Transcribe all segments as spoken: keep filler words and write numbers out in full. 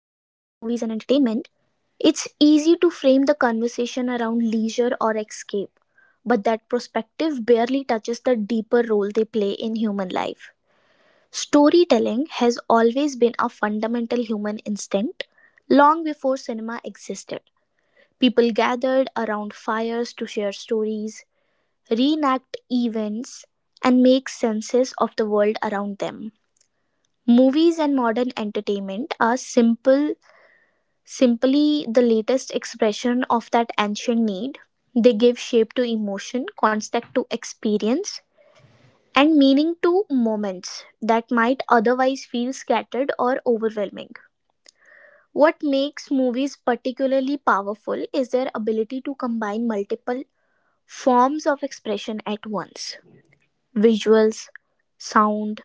and entertainment, it's easy to frame the conversation around leisure or escape, but that perspective barely touches the deeper role they play in human life. Storytelling has always been a fundamental human instinct long before cinema existed. People gathered around fires to share stories, reenact events, and make senses of the world around them. Movies and modern entertainment are simple Simply the latest expression of that ancient need. They give shape to emotion, context to experience, and meaning to moments that might otherwise feel scattered or overwhelming. What makes movies particularly powerful is their ability to combine multiple forms of expression at once. Visuals, sound,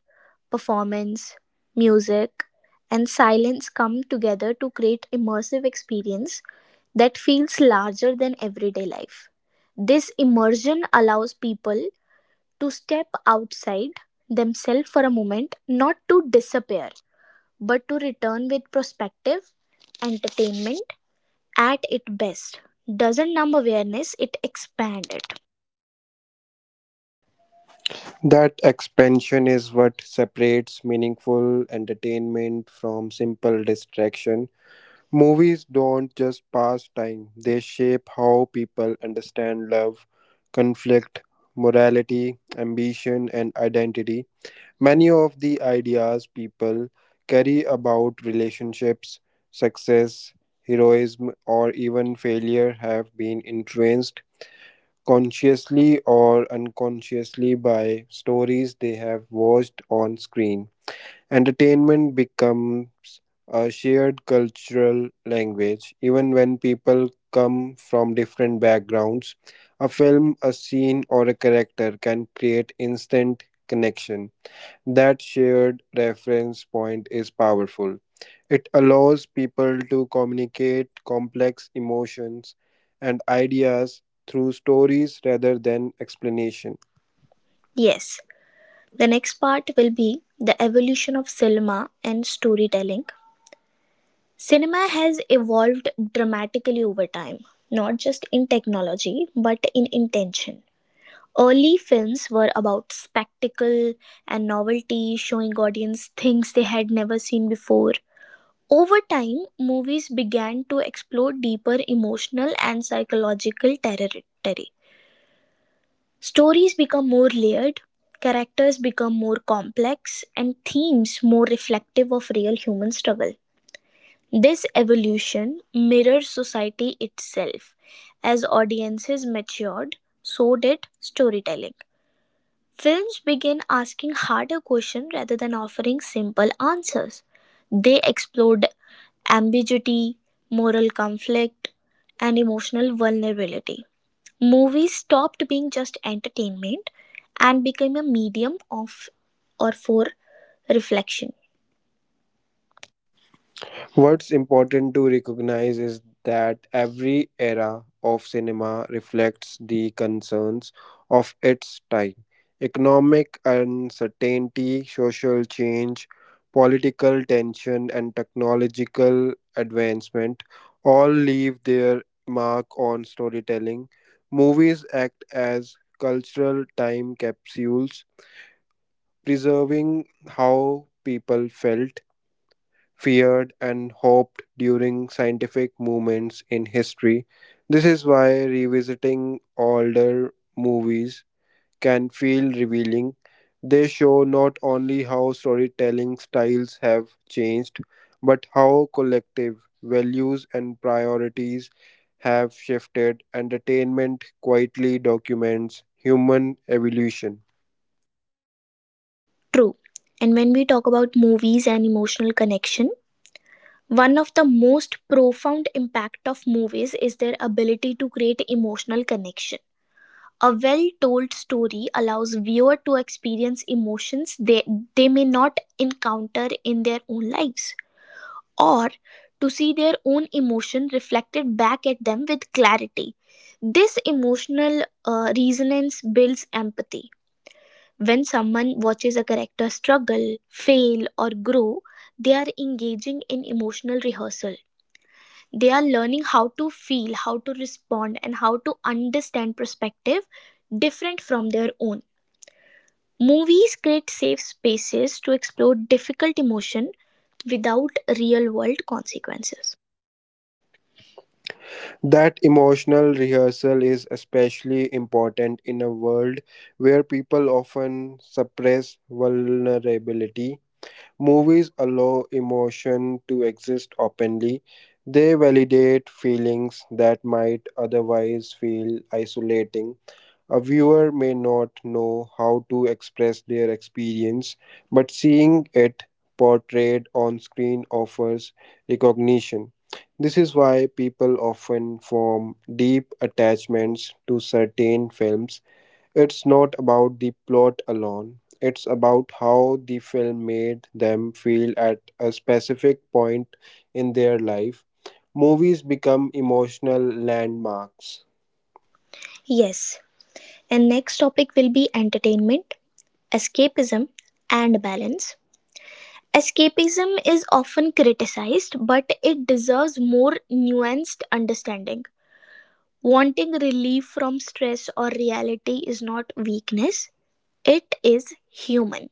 performance, music, and silence come together to create immersive experience that feels larger than everyday life. This immersion allows people to step outside themselves for a moment, not to disappear, but to return with perspective. Entertainment at its best doesn't numb awareness, it expands it. That expansion is what separates meaningful entertainment from simple distraction. Movies don't just pass time, they shape how people understand love, conflict, morality, ambition, and identity. Many of the ideas people carry about relationships, success, heroism, or even failure have been influenced consciously or unconsciously by stories they have watched on screen. Entertainment becomes a shared cultural language, even when people come from different backgrounds. A film, a scene, or a character can create instant connection. That shared reference point is powerful. It allows people to communicate complex emotions and ideas through stories rather than explanation. Yes. The next part will be the evolution of cinema and storytelling. Cinema has evolved dramatically over time, not just in technology but in intention. Early films were about spectacle and novelty, showing audience things they had never seen before. Over time, movies began to explore deeper emotional and psychological territory. Stories become more layered, characters become more complex, and themes more reflective of real human struggle. This evolution mirrors society itself. As audiences matured, so did storytelling. Films began asking harder questions rather than offering simple answers. They explored ambiguity, moral conflict, and emotional vulnerability. Movies stopped being just entertainment and became a medium of or for reflection. What's important to recognize is that every era of cinema reflects the concerns of its time. Economic uncertainty, social change, political tension, and technological advancement all leave their mark on storytelling. Movies act as cultural time capsules, preserving how people felt, feared, and hoped during scientific movements in history. This is why revisiting older movies can feel revealing. They show not only how storytelling styles have changed, but how collective values and priorities have shifted. Entertainment quietly documents human evolution. True. And when we talk about movies and emotional connection, one of the most profound impact of movies is their ability to create emotional connection. A well-told story allows viewer to experience emotions they, they may not encounter in their own lives, or to see their own emotion reflected back at them with clarity. This emotional uh, resonance builds empathy. When someone watches a character struggle, fail, or grow, they are engaging in emotional rehearsal. They are learning how to feel, how to respond, and how to understand perspective different from their own. Movies create safe spaces to explore difficult emotion without real world consequences. That emotional rehearsal is especially important in a world where people often suppress vulnerability. Movies allow emotion to exist openly. They validate feelings that might otherwise feel isolating. A viewer may not know how to express their experience, but seeing it portrayed on screen offers recognition. This is why people often form deep attachments to certain films. It's not about the plot alone, it's about how the film made them feel at a specific point in their life. Movies become emotional landmarks. Yes. And next topic will be entertainment, escapism, and balance. Escapism is often criticized, but it deserves more nuanced understanding. Wanting relief from stress or reality is not weakness, it is human.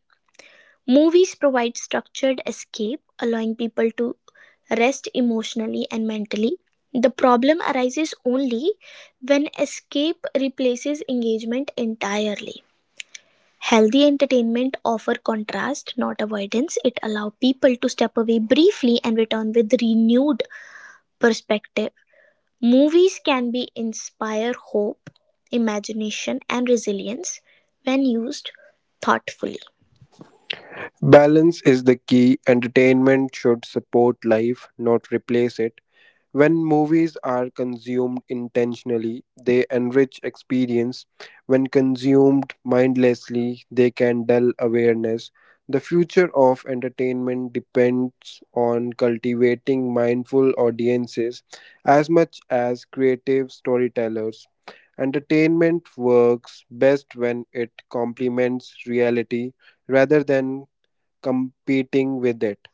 Movies provide structured escape, allowing people to rest emotionally and mentally. The problem arises only when escape replaces engagement entirely. Healthy entertainment offer contrast, not avoidance. It allow people to step away briefly and return with renewed perspective. Movies can be inspire hope, imagination and resilience when used thoughtfully. Balance is the key. Entertainment should support life, not replace it. When movies are consumed intentionally, they enrich experience. When consumed mindlessly, they can dull awareness. The future of entertainment depends on cultivating mindful audiences as much as creative storytellers. Entertainment works best when it complements reality rather than competing with it.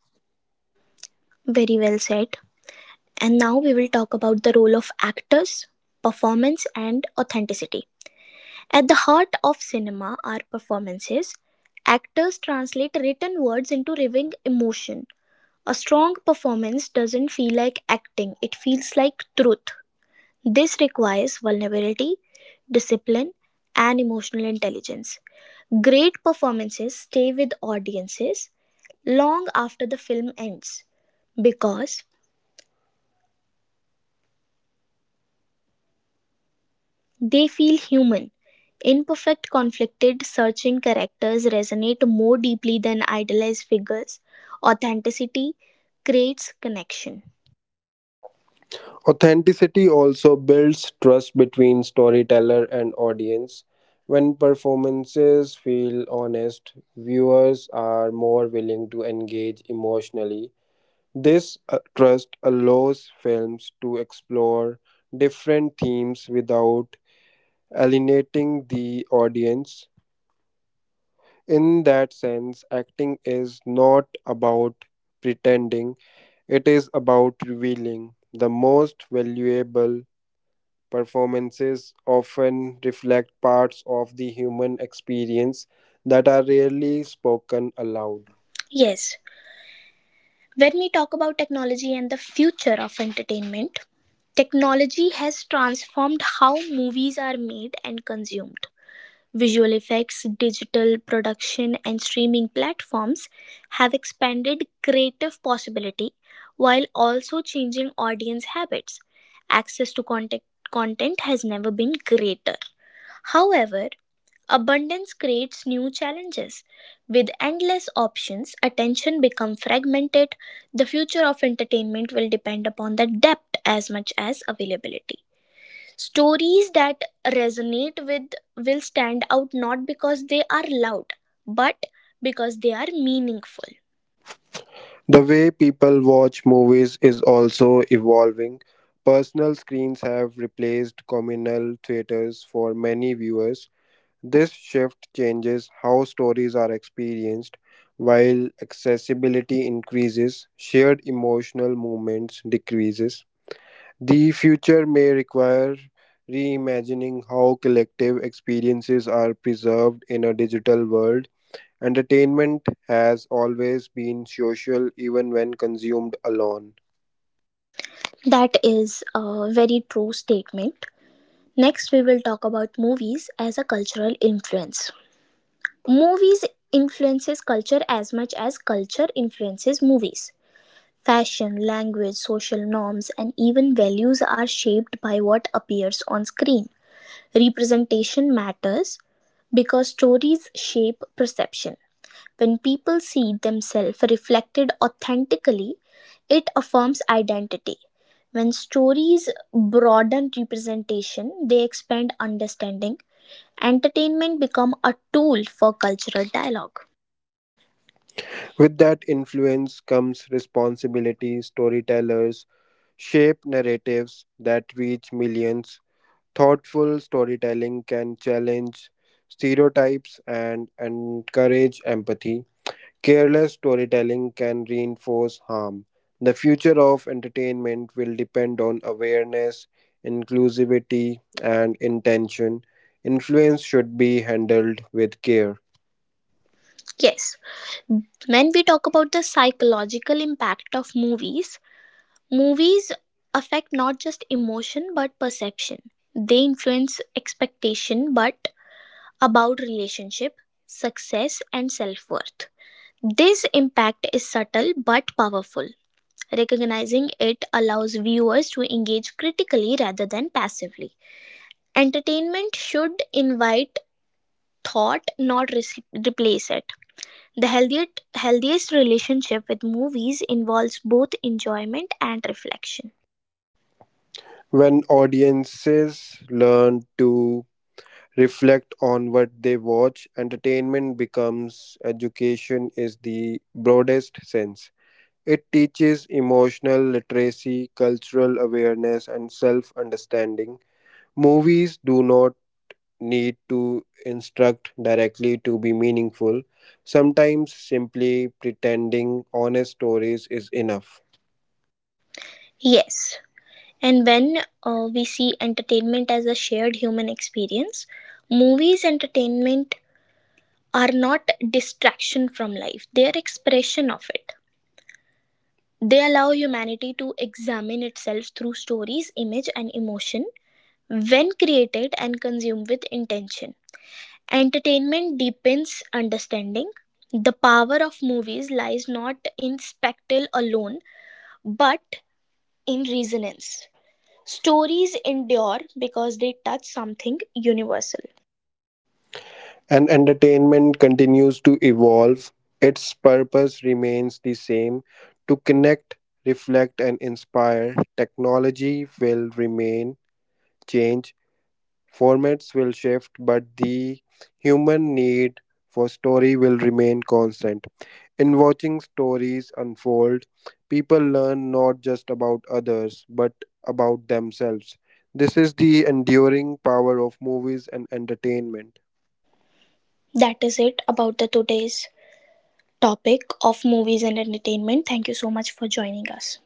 Very well said. And now we will talk about the role of actors, performance and authenticity. At the heart of cinema are performances. Actors translate written words into living emotion. A strong performance doesn't feel like acting, it feels like truth. This requires vulnerability, discipline, and emotional intelligence. Great performances stay with audiences long after the film ends because they feel human. Imperfect, conflicted, searching characters resonate more deeply than idealized figures. Authenticity creates connection. Authenticity also builds trust between storyteller and audience. When performances feel honest, viewers are more willing to engage emotionally. This uh, trust allows films to explore different themes without alienating the audience. In that sense, acting is not about pretending, it is about revealing. The most valuable performances often reflect parts of the human experience that are rarely spoken aloud. Yes. When we talk about technology and the future of entertainment, technology has transformed how movies are made and consumed. Visual effects, digital production, and streaming platforms have expanded creative possibility while also changing audience habits. Access to content, content has never been greater. However, abundance creates new challenges. With endless options, attention becomes fragmented. The future of entertainment will depend upon the depth as much as availability. Stories that resonate with will stand out not because they are loud, but because they are meaningful. The way people watch movies is also evolving. Personal screens have replaced communal theaters for many viewers. This shift changes how stories are experienced. While accessibility increases, shared emotional moments decreases. The future may require reimagining how collective experiences are preserved in a digital world. Entertainment has always been social, even when consumed alone. That is a very true statement. Next, we will talk about movies as a cultural influence. Movies influences culture as much as culture influences movies. Fashion, language, social norms, and even values are shaped by what appears on screen. Representation matters because stories shape perception. When people see themselves reflected authentically, it affirms identity. When stories broaden representation, they expand understanding. Entertainment become a tool for cultural dialogue. With that influence comes responsibility. Storytellers shape narratives that reach millions. Thoughtful storytelling can challenge stereotypes and encourage empathy. Careless storytelling can reinforce harm. The future of entertainment will depend on awareness, inclusivity, and intention. Influence should be handled with care. Yes, when we talk about the psychological impact of movies, movies affect not just emotion but perception. They influence expectation but about relationship, success, and self worth. This impact is subtle but powerful. Recognizing it allows viewers to engage critically rather than passively. Entertainment should invite thought, not re- replace it. The healthiest, healthiest relationship with movies involves both enjoyment and reflection. When audiences learn to reflect on what they watch, entertainment becomes education is the broadest sense. It teaches emotional literacy, cultural awareness, and self understanding. Movies do not need to instruct directly to be meaningful. Sometimes simply pretending honest stories is enough. Yes, and when uh, we see entertainment as a shared human experience, movies entertainment are not distraction from life, they are expression of it. They allow humanity to examine itself through stories, image, and emotion when created and consumed with intention. Entertainment deepens understanding. The power of movies lies not in spectacle alone, but in resonance. Stories endure because they touch something universal. And entertainment continues to evolve. Its purpose remains the same, to connect, reflect, and inspire. Technology will remain, change, formats will shift, but the human need for story will remain constant. In watching stories unfold, people learn not just about others, but about themselves. This is the enduring power of movies and entertainment. That is it about the today's topic of movies and entertainment. Thank you so much for joining us.